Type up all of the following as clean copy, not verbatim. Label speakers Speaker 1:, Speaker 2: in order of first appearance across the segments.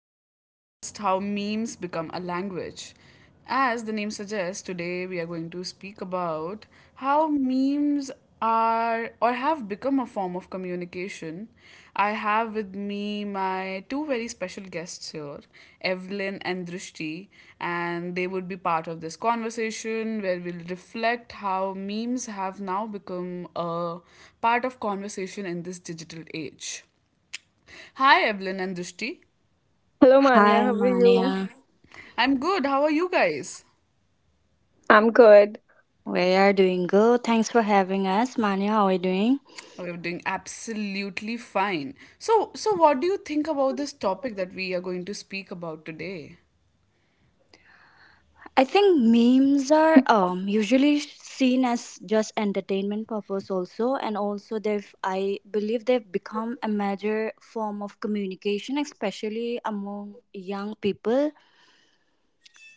Speaker 1: podcast How Memes Become a Language. As the name suggests, today we are going to speak about how memes are or have become a form of communication. I have with me my two very special guests here, Evelyn and Drishti, and they would be part of this conversation where we'll reflect how memes have now become a part of conversation in this digital age. Hi, Evelyn and Dushti.
Speaker 2: Hello, Manya.
Speaker 3: Hi,
Speaker 2: How are you?
Speaker 3: Mania.
Speaker 1: I'm good. How are you guys?
Speaker 2: I'm good.
Speaker 3: We are doing good. Thanks for having us. Mania, how are you doing?
Speaker 1: We're doing absolutely fine. So, what do you think about this topic that we are going to speak about today?
Speaker 3: I think memes are usually seen as just entertainment purpose also, and also they've I believe they've become a major form of communication, especially among young people,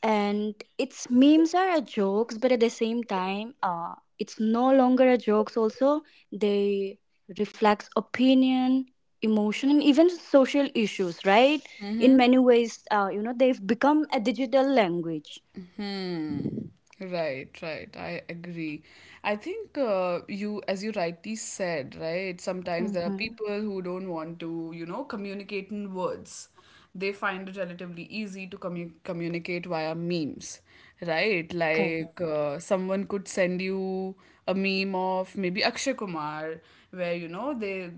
Speaker 3: and its memes are a jokes, but at the same time, it's no longer a jokes also. They reflects opinion, emotion, and even social issues, right? In many ways, you know, they've become a digital language.
Speaker 1: Hmm. Right, right. I agree. I think you, as you rightly said, right, sometimes there are
Speaker 3: Mm-hmm.
Speaker 1: people who don't want to, you know, communicate in words. They find it relatively easy to communicate via memes, right? Like
Speaker 3: Correct.
Speaker 1: someone could send you a meme of maybe Akshay Kumar where you know they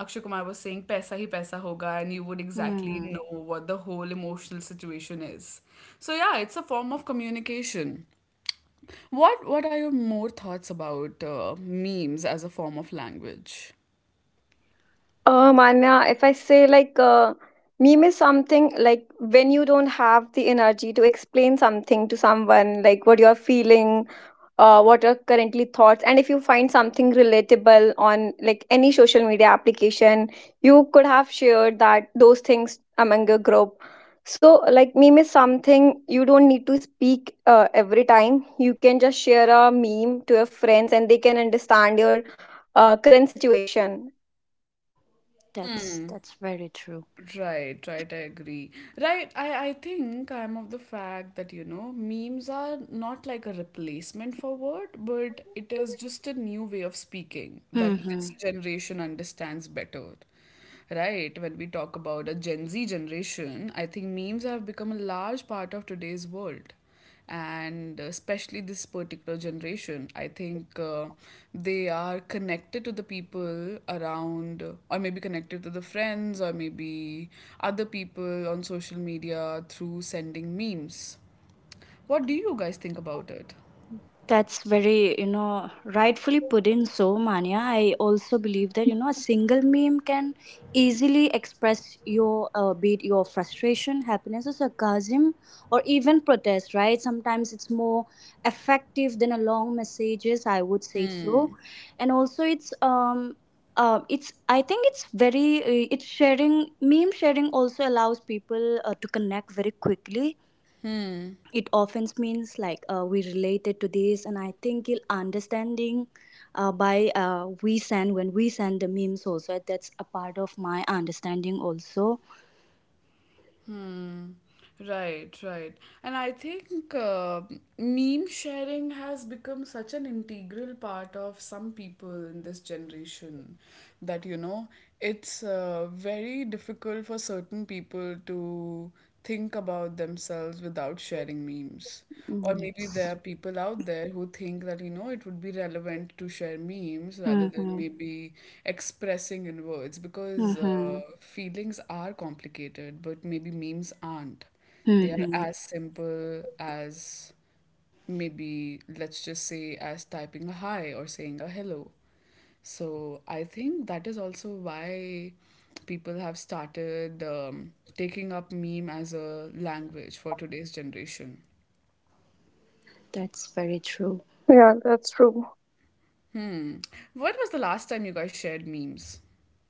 Speaker 1: Akshay Kumar was saying paisa hi paisa hoga and you would exactly
Speaker 3: Mm,
Speaker 1: know what the whole emotional situation is. So yeah, it's a form of communication. What are your more thoughts about memes as a form of language?
Speaker 2: Anya, if I say like meme is something like when you don't have the energy to explain something to someone, like what you're feeling, what are currently thoughts, and if you find something relatable on like any social media application, you could have shared that those things among your group. So, like meme is something you don't need to speak every time. You can just share a meme to your friends, and they can understand your current situation.
Speaker 3: that's very true.
Speaker 1: Right, right, I agree. Right, I think I'm of the fact that, you know, memes are not like a replacement for word, but it is just a new way of speaking that
Speaker 3: Hmm.
Speaker 1: this generation understands better. Right, when we talk about a Gen Z generation, I think memes have become a large part of today's world, and especially this particular generation I think they are connected to the people around, or maybe connected to the friends, or maybe other people on social media through sending memes. What do you guys think about it?
Speaker 3: That's very, you know, rightfully put in so, Manya. I also believe that, you know, a single meme can easily express your, be it your frustration, happiness, or sarcasm, or even protest, right? Sometimes it's more effective than a long messages, I would say so. And also it's I think it's very it's sharing meme sharing also allows people to connect very quickly. It often means like, we related to this, and I think it understanding by we send when we send the memes also, that's a part of my understanding also.
Speaker 1: Hmm. Right, right. And I think meme sharing has become such an integral part of some people in this generation that, you know, it's very difficult for certain people to think about themselves without sharing memes. Or
Speaker 3: Mm,
Speaker 1: maybe there
Speaker 3: yes.
Speaker 1: are people out there who think that, you know, it would be relevant to share memes rather than
Speaker 3: Mm-hmm.
Speaker 1: maybe expressing in words, because
Speaker 3: Mm-hmm.
Speaker 1: feelings are complicated, but maybe memes aren't. They are
Speaker 3: Mm-hmm.
Speaker 1: as simple as maybe, let's just say, as typing a hi or saying a hello. So I think that is also why people have started taking up meme as a language for today's generation.
Speaker 3: That's very true.
Speaker 2: Yeah, that's true.
Speaker 1: When was the last time you guys shared memes?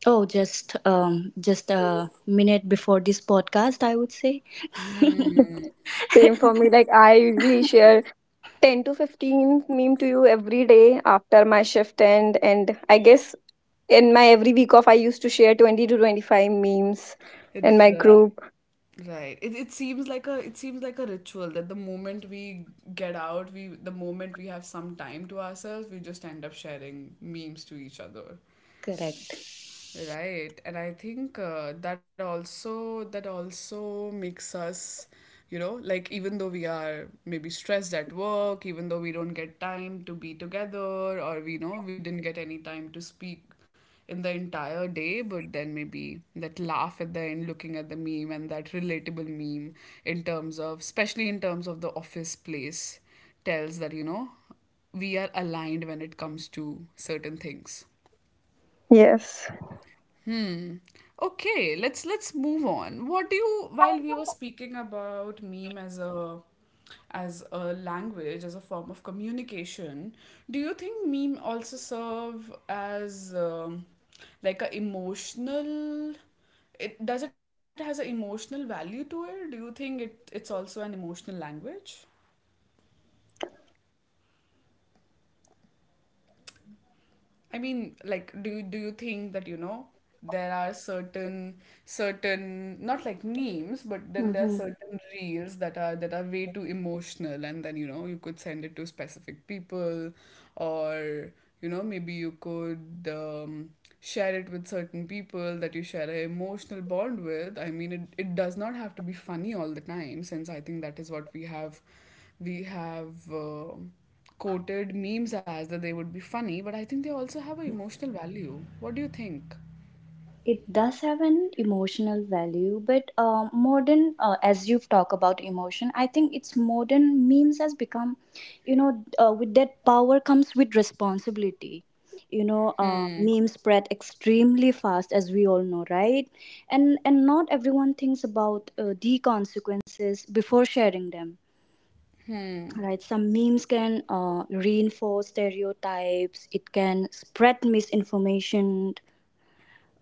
Speaker 3: Oh, just a minute before this podcast, I would say.
Speaker 2: Same for me. Like I usually share 10 to 15 meme to you every day after my shift end, and I guess in my every week off I used to share 20 to 25 memes in
Speaker 1: It's
Speaker 2: my
Speaker 1: right.
Speaker 2: group.
Speaker 1: Right. It seems like a ritual that the moment we get out, we the moment we have some time to ourselves, we just end up sharing memes to each other.
Speaker 3: Correct.
Speaker 1: Right, and I think that also makes us, you know, like even though we are maybe stressed at work, even though we don't get time to be together, or we know we didn't get any time to speak in the entire day, but then maybe that laugh at the end, looking at the meme and that relatable meme in terms of, especially in terms of the office place, tells that you know we are aligned when it comes to certain things.
Speaker 2: Yes.
Speaker 1: Okay, let's move on. What do you while we were speaking about meme as a language, as a form of communication, do you think meme also serve as like a emotional it does it has an emotional value to it? Do you think it's also an emotional language? I mean, like, do you think that you know there are certain not like memes, but then there are
Speaker 3: Mhm.
Speaker 1: certain reels that are way too emotional, and then you know you could send it to specific people, or you know maybe you could share it with certain people that you share an emotional bond with. I mean, it does not have to be funny all the time, since I think that is what we have. Quoted memes as that they would be funny, but I think they also have an emotional value. What do you think?
Speaker 3: It does have an emotional value, but modern, as you've talked about emotion, I think it's modern memes has become, you know, with that power comes with responsibility. You know, memes spread extremely fast, as we all know, right? And not everyone thinks about the consequences before sharing them, right? Some memes can reinforce stereotypes, it can spread misinformation,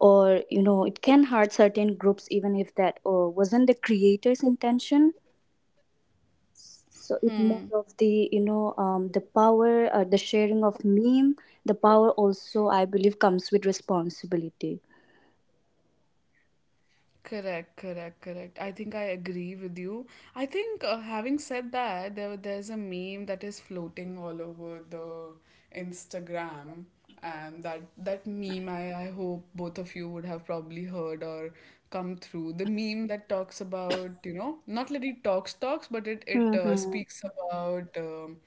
Speaker 3: or, you know, it can hurt certain groups, even if that wasn't the creator's intention. So it more of the, you know, the power, the sharing of meme, the power also I believe comes with responsibility.
Speaker 1: Correct, correct, correct. I think I agree with you. I think having said that, there's a meme that is floating all over the Instagram, and that meme I hope both of you would have probably heard or come through. The meme that talks about, you know, not that it talks, but it
Speaker 3: Mm-hmm.
Speaker 1: speaks about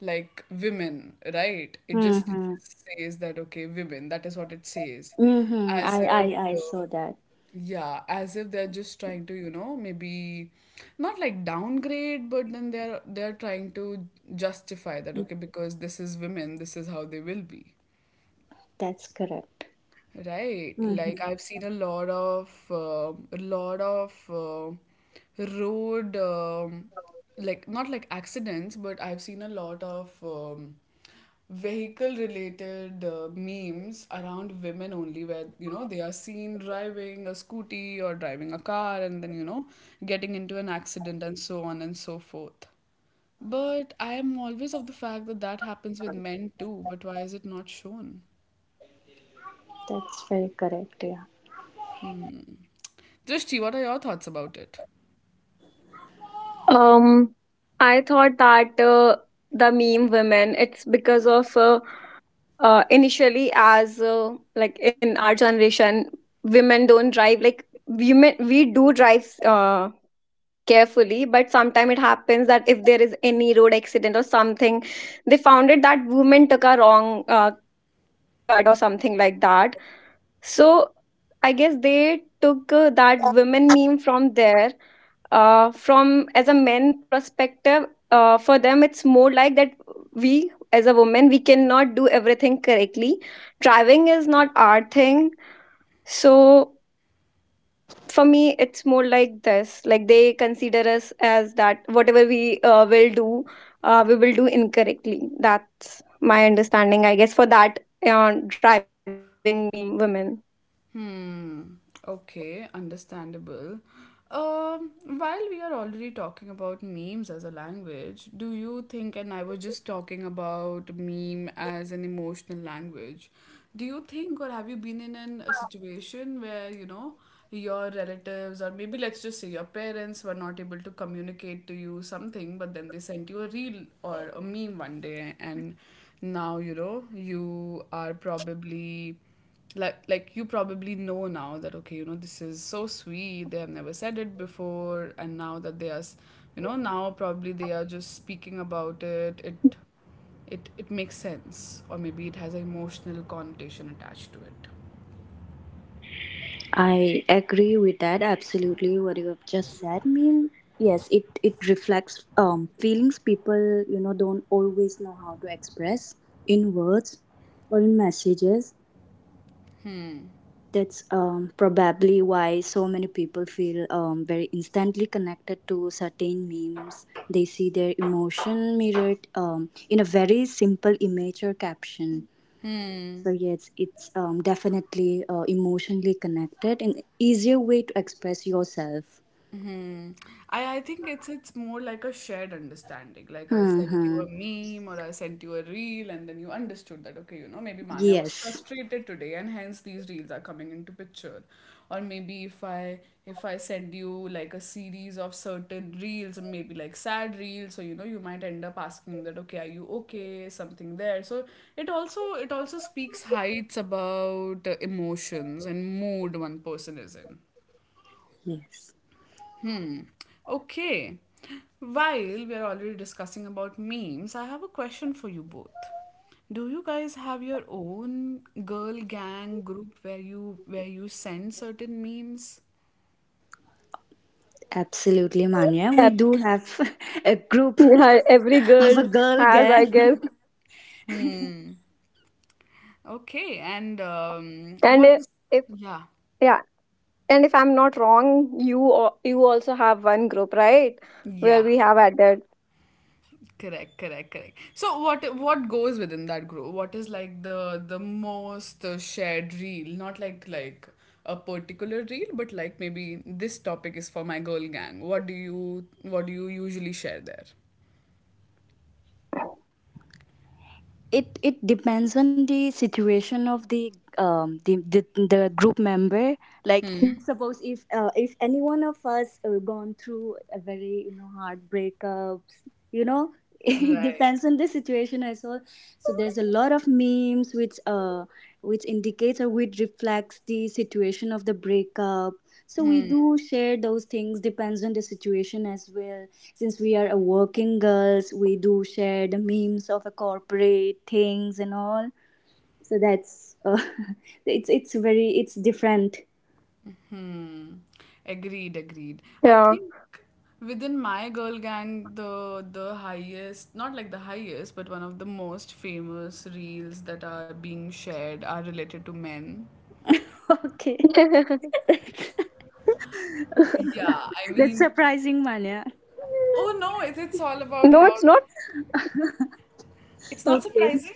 Speaker 1: like women, right? It
Speaker 3: Mm-hmm.
Speaker 1: just says that okay, women. That is what it says,
Speaker 3: Mm-hmm.
Speaker 1: as
Speaker 3: I,
Speaker 1: if.
Speaker 3: I I saw that.
Speaker 1: Yeah, as if they're just trying to, you know, maybe not like downgrade, but then they're trying to justify that, okay, because this is women, this is how they will be.
Speaker 3: That's correct.
Speaker 1: Right, like
Speaker 3: Mm-hmm.
Speaker 1: I've seen a lot of road like not like accidents, but I've seen a lot of vehicle related memes around women only, where you know they are seen driving a scooty or driving a car and then you know getting into an accident and so on and so forth. But I am always of the fact that that happens with men too, but why is it not shown?
Speaker 3: That's very correct, yeah.
Speaker 1: Drishti, what are your thoughts about it?
Speaker 2: Um, I thought that the meme women, it's because of initially as like in our generation, women don't drive. Like women, we do drive. Carefully, but sometimes it happens that if there is any road accident or something, they found it that woman took a wrong cut or something like that. So I guess they took that women meme from there, from as a men perspective. Uh, for them it's more like that we as a woman, we cannot do everything correctly. Driving is not our thing. So for me it's more like this, like they consider us as that whatever we will do, we will do incorrectly. That's my understanding, I guess, for that driving me women.
Speaker 1: Hmm. Okay, understandable. Um, while we are already talking about memes as a language, do you think, and I was just talking about meme as an emotional language, do you think, or have you been in an, a situation where, you know, your relatives, or maybe let's just say your parents, were not able to communicate to you something, but then they sent you a reel or a meme one day, and now, you know, you are probably like you probably know now that okay you know this is so sweet, they have never said it before, and now that you know now probably they are just speaking about it, it makes sense, or maybe it has an emotional connotation attached to it.
Speaker 3: I agree with that absolutely, what you have just said. I mean, yes, it reflects feelings people, you know, don't always know how to express in words or in messages. That's probably why so many people feel very instantly connected to certain memes. They see their emotion mirrored in a very simple image or caption. So yes, it's, definitely emotionally connected and easier way to express yourself.
Speaker 1: Hmm. I think it's more like a shared understanding. Like I sent you
Speaker 3: Mm-hmm.
Speaker 1: a meme or I sent you a reel and then you understood that okay, you know, maybe Manya was
Speaker 3: Yes,
Speaker 1: frustrated today and hence these reels are coming into picture. Or maybe if I send you like a series of certain reels and maybe like sad reels, so you know you might end up asking that okay, are you okay? Something there. So it also speaks heights about emotions and mood one person is in.
Speaker 3: yes,
Speaker 1: Hmm. Okay. While we are already discussing about memes, I have a question for you both. Do you guys have your own girl gang group where you send certain memes?
Speaker 3: absolutely, Manya. We
Speaker 2: That's
Speaker 3: do have a group
Speaker 2: yeah, every
Speaker 3: of a
Speaker 2: girl
Speaker 3: girl
Speaker 2: has, I
Speaker 3: gang.
Speaker 2: guess.
Speaker 1: Hmm. Okay. And
Speaker 2: And
Speaker 1: what
Speaker 2: I-
Speaker 1: is
Speaker 2: if
Speaker 1: yeah.
Speaker 2: Yeah, and if I'm not wrong, you you also have one group, right, where
Speaker 1: Yeah.
Speaker 2: we have added.
Speaker 1: Correct, correct, correct. So what goes within that group? What is like the most shared reel? Not like a particular reel, but like maybe this topic is for my girl gang. What do you usually share there?
Speaker 3: It depends on the situation of the the group member. Like, suppose if, if any one of us gone through a very, you know, hard breakups, you know. It
Speaker 1: Right.
Speaker 3: depends on the situation as well. So there's a lot of memes which indicates or which reflects the situation of the breakup. So we do share those things, depends on the situation as well. Since we are a working girls, we do share the memes of a corporate things and all. So that's it's very, it's different.
Speaker 1: Hmm. Agreed, agreed. I
Speaker 2: Yeah.
Speaker 1: think within my girl gang, the highest, not like the highest, but one of the most famous reels that are being shared are related to men.
Speaker 3: Okay.
Speaker 2: Yeah.
Speaker 1: Yeah, I
Speaker 3: That's
Speaker 1: mean,
Speaker 3: surprising, Manya.
Speaker 1: oh no, it's all about
Speaker 2: No,
Speaker 1: how
Speaker 2: it's not.
Speaker 1: it's not
Speaker 3: Okay,
Speaker 1: surprising.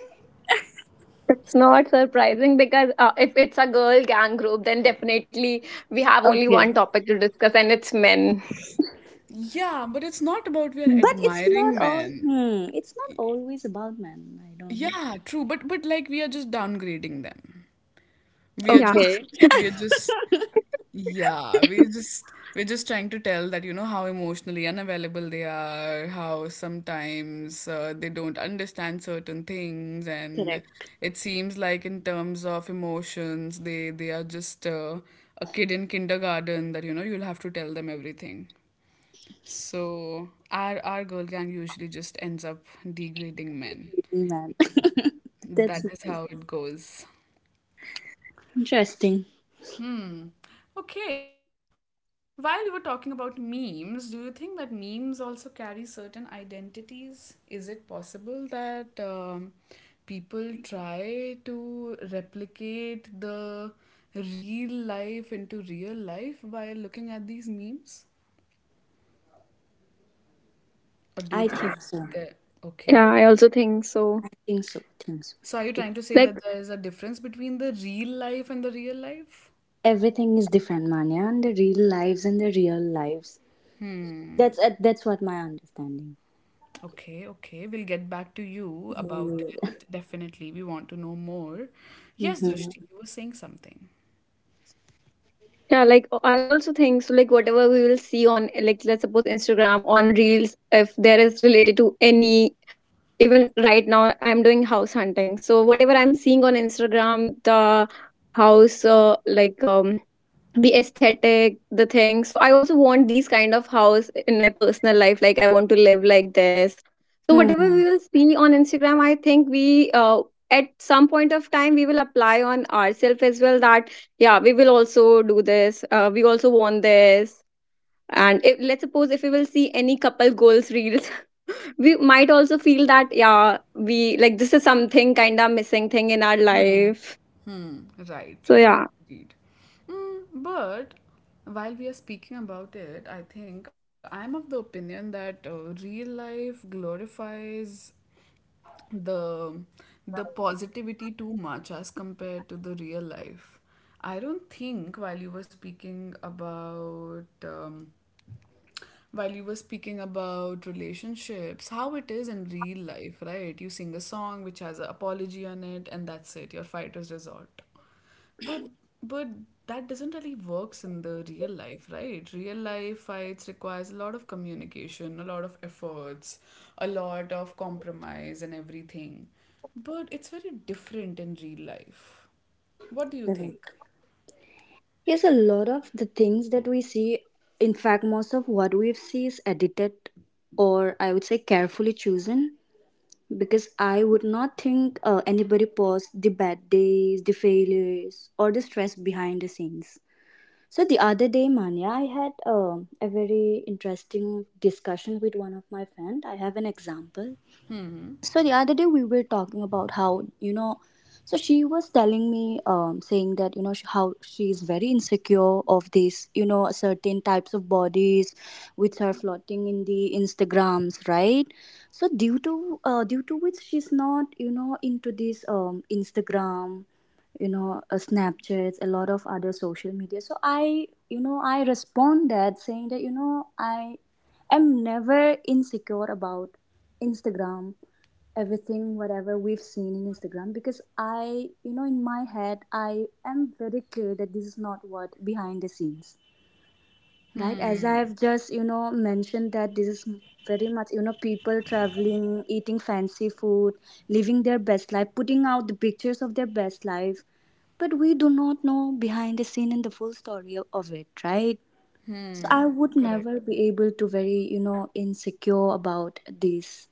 Speaker 2: It's not surprising because if it's a girl gang group, then definitely we have only one
Speaker 3: okay.
Speaker 2: topic to discuss, and it's men.
Speaker 1: Yeah, but it's not about we are
Speaker 3: But it's not
Speaker 1: admiring
Speaker 3: all,
Speaker 1: men.
Speaker 3: hmm, it's not always about men. I don't.
Speaker 1: Yeah, true, but like we are just downgrading them. We are
Speaker 2: Yeah,
Speaker 1: just
Speaker 3: Okay.
Speaker 1: we are just, yeah, we're just trying to tell that you know how emotionally unavailable they are, how sometimes they don't understand certain things, and
Speaker 3: Correct.
Speaker 1: it seems like in terms of emotions, they are just a kid in kindergarten that you know you'll have to tell them everything. So our girl gang usually just ends up degrading men.
Speaker 3: Really, man.
Speaker 1: That
Speaker 3: That's
Speaker 1: is
Speaker 3: nice.
Speaker 1: how it goes.
Speaker 3: Interesting.
Speaker 1: Okay, while we were talking about memes, do you think that memes also carry certain identities? Is it possible that people try to replicate the real life into real life by looking at these memes? Or do you
Speaker 3: I
Speaker 1: think
Speaker 3: think so.
Speaker 1: that, okay,
Speaker 2: yeah, I also think so.
Speaker 3: I think so.
Speaker 1: so are you trying
Speaker 3: It's
Speaker 1: to say that
Speaker 2: Like,
Speaker 1: there is a difference between the real life and the real life?
Speaker 3: everything is different, Manya, and the real lives and the real lives. That's, that's what my understanding.
Speaker 1: Okay, okay. We'll get back to you about
Speaker 3: Mm-hmm.
Speaker 1: it. Definitely. We want to know more. Yes, Drishti, you were saying something.
Speaker 2: yeah, like I also think so. Like, whatever we will see on, like, let's suppose Instagram on Reels, if there is related to any, even right now, I'm doing house hunting. So, whatever I'm seeing on Instagram, the house, the aesthetic, the thing. So I also want these kind of house in my personal life, like I want to live like this. So whatever we
Speaker 3: Hmm.
Speaker 2: will see on Instagram, I think we at some point of time we will apply on ourselves as well that yeah, we will also do this, we also want this. And if, let's suppose if we will see any couple goals reels, we might also feel that yeah, we like, this is something kind of missing thing in our life.
Speaker 1: Right,
Speaker 2: So
Speaker 1: right.
Speaker 2: yeah.
Speaker 1: Indeed. Mm, but while we are speaking about it, I think I'm of the opinion that real life glorifies the positivity too much as compared to the real life. I don't think while you were speaking about relationships, how it is in real life, right? You sing a song which has an apology on it, and that's it. Your fighters resort. But but that doesn't really works in the real life, right? Real life fights requires a lot of communication, a lot of efforts, a lot of compromise and everything. But it's very different in real life. What do you think?
Speaker 3: Correct. Yes, a lot of the things that we see, in fact, most of what we see is edited, or I would say carefully chosen, because I would not think anybody paused the bad days, the failures, or the stress behind the scenes. So the other day, Manya, I had a very interesting discussion with one of my friend. I have an example. So the other day we were talking about how, you know, so she was telling me saying that, you know, how she is very insecure of these, you know, certain types of bodies which are floating in the instagrams, right? So due to due to which she's not, you know, into this instagram, you know, snapchats, a lot of other social media. So I you know I respond that saying that, you know, I am never insecure about instagram, everything whatever we've seen in instagram, because I you know, in my head I am very clear that this is not what behind the scenes, right? As I've just, you know, mentioned that this is very much, you know, people traveling, eating fancy food, living their best life, putting out the pictures of their best life, but we do not know behind the scene and the full story of it, right? So I would never
Speaker 1: Correct.
Speaker 3: be able to very, you know, insecure about this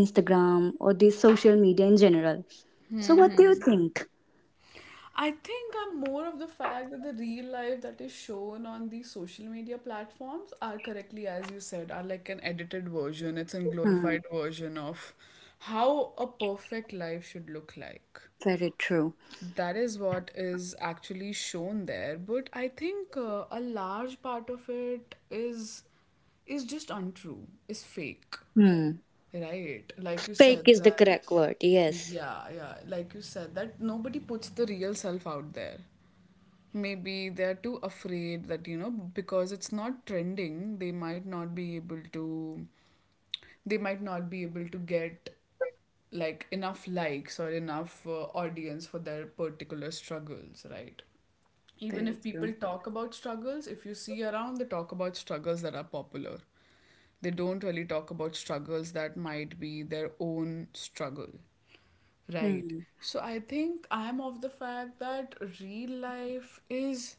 Speaker 3: instagram or this social media in general. So what do you think?
Speaker 1: I think I'm more of the fact that the real life that is shown on these social media platforms are correctly, as you said, are like an edited version. It's a
Speaker 3: Hmm.
Speaker 1: glorified version of how a perfect life should look like.
Speaker 3: Very true.
Speaker 1: That is what is actually shown there. But I think a large part of it is just untrue, is fake,
Speaker 3: Hmm.
Speaker 1: right? Like you
Speaker 3: Fake
Speaker 1: said
Speaker 3: is the
Speaker 1: that.
Speaker 3: correct word. Yes.
Speaker 1: Yeah, yeah. Like you said, that nobody puts the real self out there maybe they're too afraid that because it's not trending they might not be able to get like enough likes or enough audience for their particular struggles, right? Even
Speaker 3: Very
Speaker 1: if people
Speaker 3: true.
Speaker 1: talk about struggles, if you see around, they talk about struggles that are popular. They don't really talk about struggles that might be their own struggle. Right.
Speaker 3: Hmm.
Speaker 1: So I think I'm of the fact that real life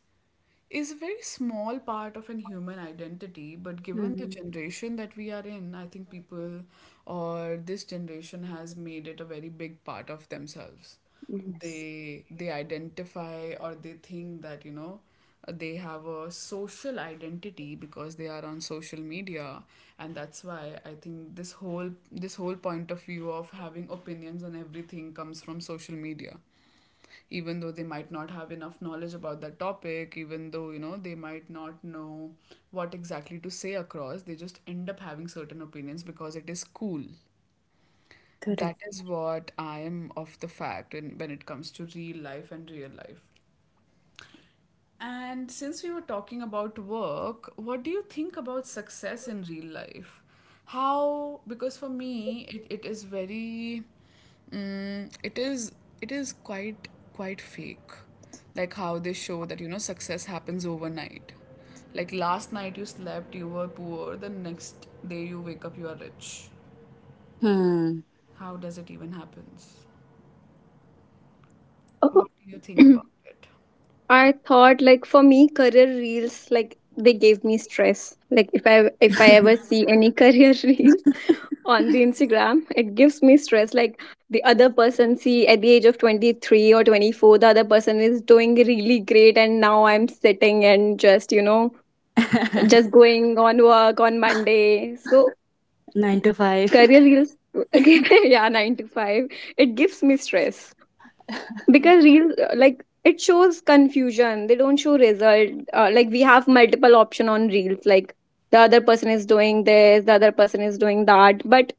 Speaker 1: is a very small part of an human identity, but given the
Speaker 3: Hmm.
Speaker 1: generation that we are in, I think people or this generation has made it a very big part of themselves.
Speaker 3: Yes.
Speaker 1: They identify or they think that they have a social identity because they are on social media, and that's why I think this whole point of view of having opinions on everything comes from social media, even though they might not have enough knowledge about that topic, even though they might not know what exactly to say across. They just end up having certain opinions because it is cool. That
Speaker 3: Correct.
Speaker 1: is what I am of the fact in, when it comes to real life and real life. And since we were talking about work, what do you think about success in real life? How, because for me, it is very, it is, it is quite, quite fake. Like how they show that, you know, success happens overnight. Like last night you slept, you were poor, the next day you wake up, you are rich.
Speaker 3: Hmm.
Speaker 1: How does it even happens? What do you think about it?
Speaker 2: I thought like for me career reels, like they gave me stress. Like if I ever see any career reels on the Instagram, it gives me stress. Like the other person see at the age of 23 or 24, the other person is doing really great, and now I'm sitting and just, you know, just going on work on Monday. So
Speaker 3: Nine to five.
Speaker 2: career reels okay, yeah, nine to five. It gives me stress because real like it shows confusion, they don't show result. Like we have multiple option on reels, like the other person is doing this, the other person is doing that, but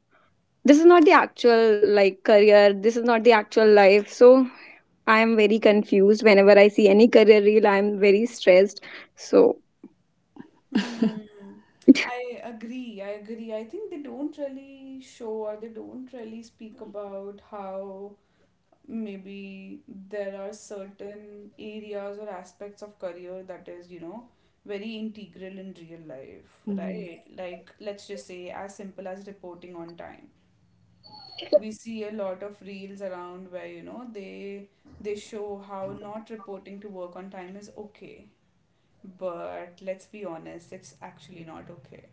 Speaker 2: this is not the actual, like career, this is not the actual life. So I am very confused whenever I see any career reel, I am very stressed. So
Speaker 1: Hmm. I agree. I agree. I think they don't really show or they don't really speak about how maybe there are certain areas or aspects of career that is, you know, very integral in real life,
Speaker 3: Hmm.
Speaker 1: right? Like, let's just say, as simple as reporting on time. We see a lot of reels around where, you know, they show how not reporting to work on time is okay, but let's be honest, it's actually not okay.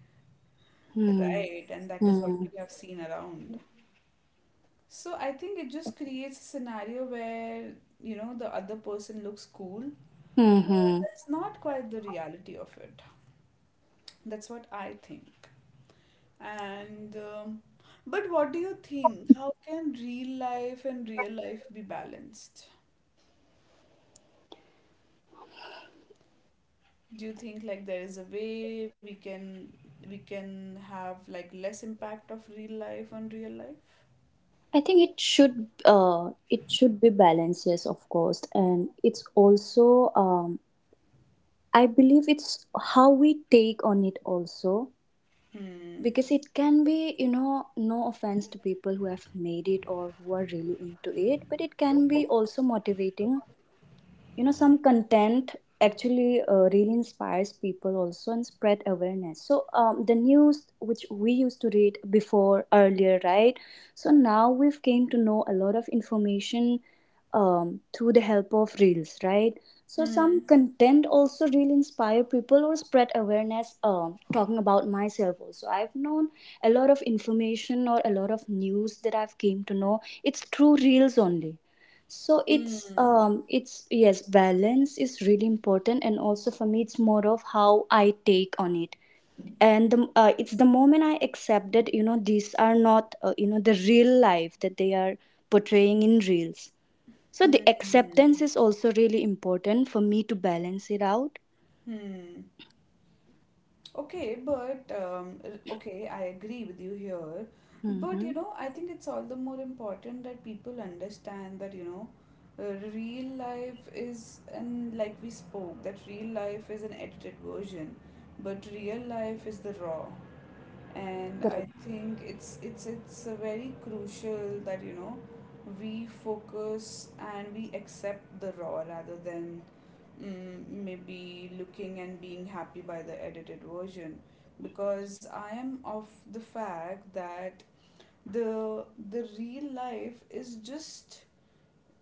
Speaker 3: Hmm.
Speaker 1: Right? And that is what
Speaker 3: Hmm.
Speaker 1: we have seen around. So I think it just creates a scenario where, you know, the other person looks cool. But
Speaker 3: Hmm.
Speaker 1: that's not quite the reality of it. That's what I think. And, but what do you think? How can real life and real life be balanced? Do you think like there is a way we can have like less impact of real life on real life?
Speaker 3: I think it should it should be balanced, yes, of course. And it's also, I believe it's how we take on it also,
Speaker 1: Hmm.
Speaker 3: because it can be, you know, no offense to people who have made it or who are really into it, but it can be also motivating, you know. Some content actually really inspires people also and spread awareness. So the news which we used to read before earlier, right? So now we've came to know a lot of information through the help of reels, right? So
Speaker 1: Hmm.
Speaker 3: some content also really inspire people or spread awareness. Talking about myself also, I've known a lot of information or a lot of news that I've came to know, it's through reels only. So it's yes, balance is really important, and also for me it's more of how I take on it. And it's the moment I accepted, you know, these are not, you know, the real life that they are portraying in reels. So the
Speaker 1: Hmm.
Speaker 3: acceptance is also really important for me to balance it out.
Speaker 1: Hmm. Okay, but okay, I agree with you here. But
Speaker 3: Mm-hmm.
Speaker 1: you know, I think it's all the more important that people understand that real life is, and like we spoke, that real life is an edited version, but real life is the raw. And I
Speaker 3: Correct.
Speaker 1: think it's a very crucial that you know, we focus and we accept the raw rather than maybe looking and being happy by the edited version, because I am of the fact that the real life is just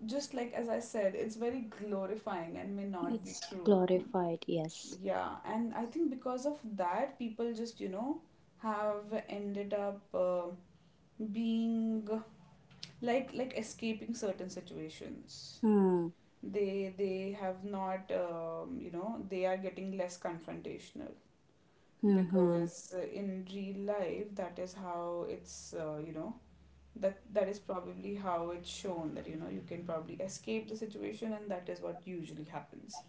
Speaker 1: just like as I said, it's very glorifying and may not be
Speaker 3: It's
Speaker 1: true.
Speaker 3: glorified, yes.
Speaker 1: Yeah, and I think because of that, people just you know have ended up being like escaping certain situations.
Speaker 3: Hmm.
Speaker 1: They have not you know they are getting less confrontational
Speaker 3: Mm-hmm.
Speaker 1: because in real life that is how it's you know that that is probably how it's shown that you know you can probably escape the situation, and that is what usually happens.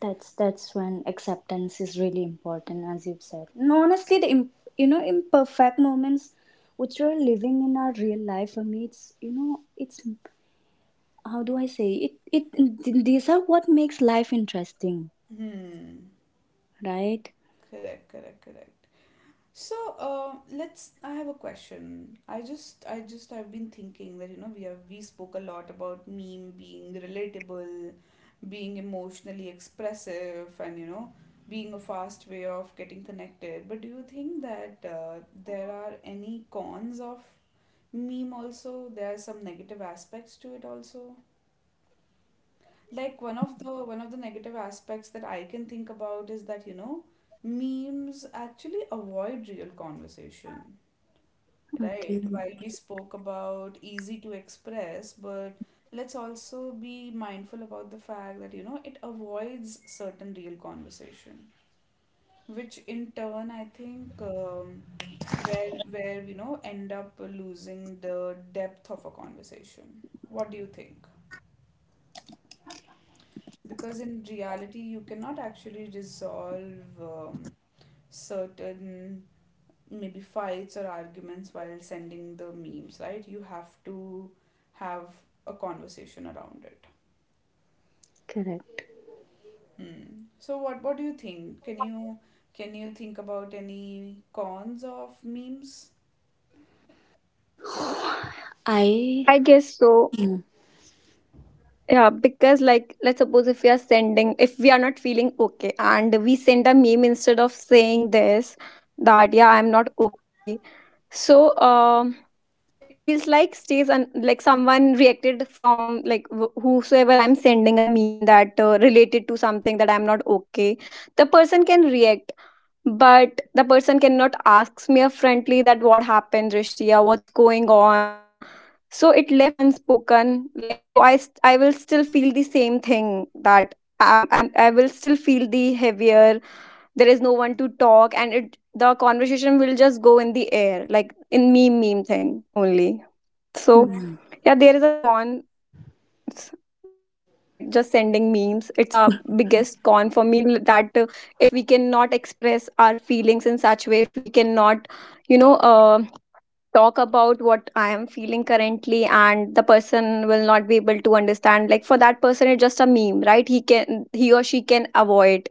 Speaker 3: That's when acceptance is really important, as you've said. And honestly, you know, imperfect moments which we're living in our real life, for me it's, you know, it's how do I say it, these are what makes life interesting,
Speaker 1: Hmm.
Speaker 3: right?
Speaker 1: Correct, correct, correct. So let's. I have a question. I've been thinking that you know we spoke a lot about meme being relatable, being emotionally expressive, and you know being a fast way of getting connected. But do you think that there are any cons of meme also? There are some negative aspects to it also. Like one of the negative aspects that I can think about is that you know memes actually avoid real conversation. Right,
Speaker 3: Okay.
Speaker 1: while we spoke about easy to express, but let's also be mindful about the fact that, you know, it avoids certain real conversation, which in turn, I think, where you know end up losing the depth of a conversation. What do you think? Because in reality, you cannot actually resolve certain maybe fights or arguments while sending the memes, right? You have to have a conversation around it.
Speaker 3: Correct.
Speaker 1: Hmm. So what do you think? Can you think about any cons of memes?
Speaker 3: I.
Speaker 2: I guess so.
Speaker 3: Hmm,
Speaker 2: Yeah, because like let's suppose if we are sending, if we are not feeling okay and we send a meme instead of saying this, that yeah, I'm not okay. So it feels like stays, and like someone reacted from like whosoever I'm sending a meme that related to something that I'm not okay. The person can react, but the person cannot ask me a friendly that what happened, Rishti, or what's going on. So it left unspoken, like so I will still feel the same thing that I will still feel the heavier, there is no one to talk, and it, the conversation will just go in the air, like in meme thing only. So
Speaker 3: hmm,
Speaker 2: yeah, there is a con. s- like just sending memes, it's a biggest con for me, that if we cannot express our feelings in such way, if we cannot, you know, talk about what I am feeling currently, and the person will not be able to understand. Like for that person, it's just a meme, right? He can, he or she can avoid.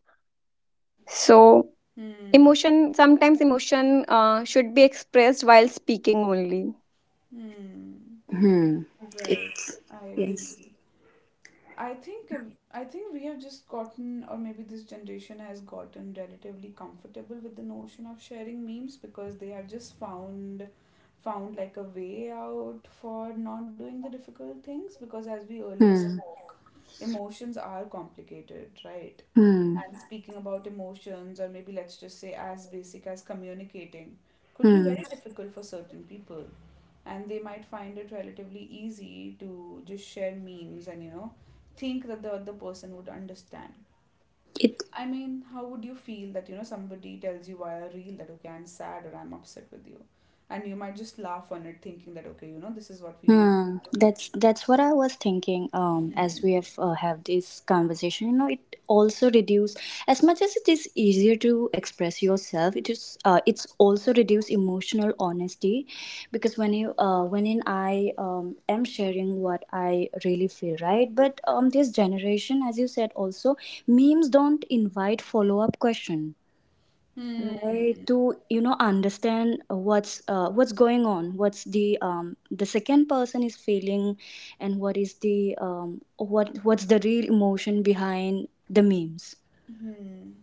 Speaker 2: So
Speaker 1: Hmm.
Speaker 2: emotion, sometimes emotion should be expressed while speaking only.
Speaker 1: Hmm.
Speaker 3: hmm.
Speaker 1: Right.
Speaker 3: It's
Speaker 1: I
Speaker 3: yes.
Speaker 1: agree. I think if- I think we have just gotten, or maybe this generation has gotten relatively comfortable with the notion of sharing memes because they have just found found like a way out for not doing the difficult things because as we earlier
Speaker 3: Hmm,
Speaker 1: spoke, emotions are complicated, right?
Speaker 3: hmm,
Speaker 1: And speaking about emotions, or maybe let's just say as basic as communicating, could be very
Speaker 3: hmm.
Speaker 1: difficult for certain people, and they might find it relatively easy to just share memes and you know think that the other person would understand.
Speaker 3: It.
Speaker 1: I mean how would you feel that you know somebody tells you via a reel that okay I'm sad or I'm upset with you, and you might just laugh on it thinking that okay you know this is what we usually
Speaker 3: Hmm,
Speaker 1: do.
Speaker 3: that's what I was thinking. As
Speaker 1: Hmm.
Speaker 3: we have this conversation, you know, it also reduce, as much as it is easier to express yourself. It is, it's also reduce emotional honesty, because when you when in I am sharing what I really feel, right? But this generation, as you said, also memes don't invite follow up question,
Speaker 1: Hmm.
Speaker 3: right? To, you know, understand what's going on, what's the second person is feeling, and what is the what's the real emotion behind the memes.
Speaker 1: Hmm.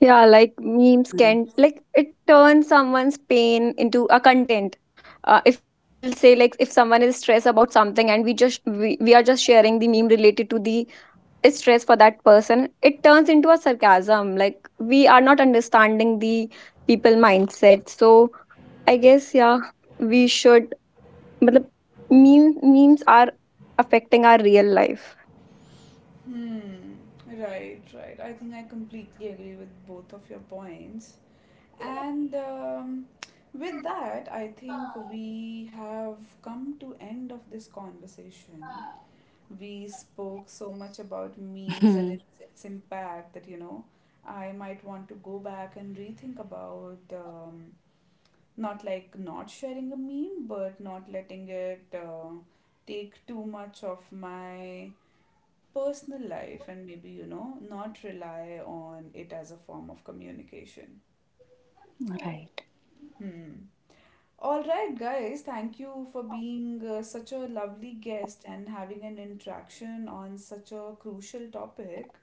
Speaker 2: Yeah, like memes
Speaker 3: Mm.
Speaker 2: can, like it turns someone's pain into a content. If we will say, like if someone is stressed about something, and we just we are just sharing the meme related to the stress, for that person it turns into a sarcasm, like we are not understanding the people mindset. So I guess yeah, we should, but memes are affecting our real life.
Speaker 1: Hmm. Right, right. I think I completely agree with both of your points. And with that, I think we have come to end of this conversation. We spoke so much about memes and
Speaker 3: Hmm,
Speaker 1: its impact that, you know, I might want to go back and rethink about not like not sharing a meme, but not letting it take too much of my personal life and maybe, you know, not rely on it as a form of communication.
Speaker 3: right.
Speaker 1: Hmm. All right, guys, thank you for being such a lovely guest and having an interaction on such a crucial topic.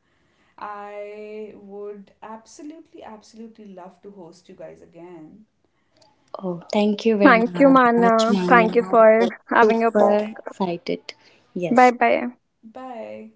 Speaker 1: I would absolutely, absolutely love to host you guys again.
Speaker 3: Oh, thank you very
Speaker 2: Thank you,
Speaker 3: much,
Speaker 2: Mana,
Speaker 3: Manya,
Speaker 2: thank you
Speaker 3: I
Speaker 2: for
Speaker 3: was
Speaker 2: having your
Speaker 3: super
Speaker 2: podcast.
Speaker 3: excited. Yes.
Speaker 2: Bye bye.
Speaker 1: Bye.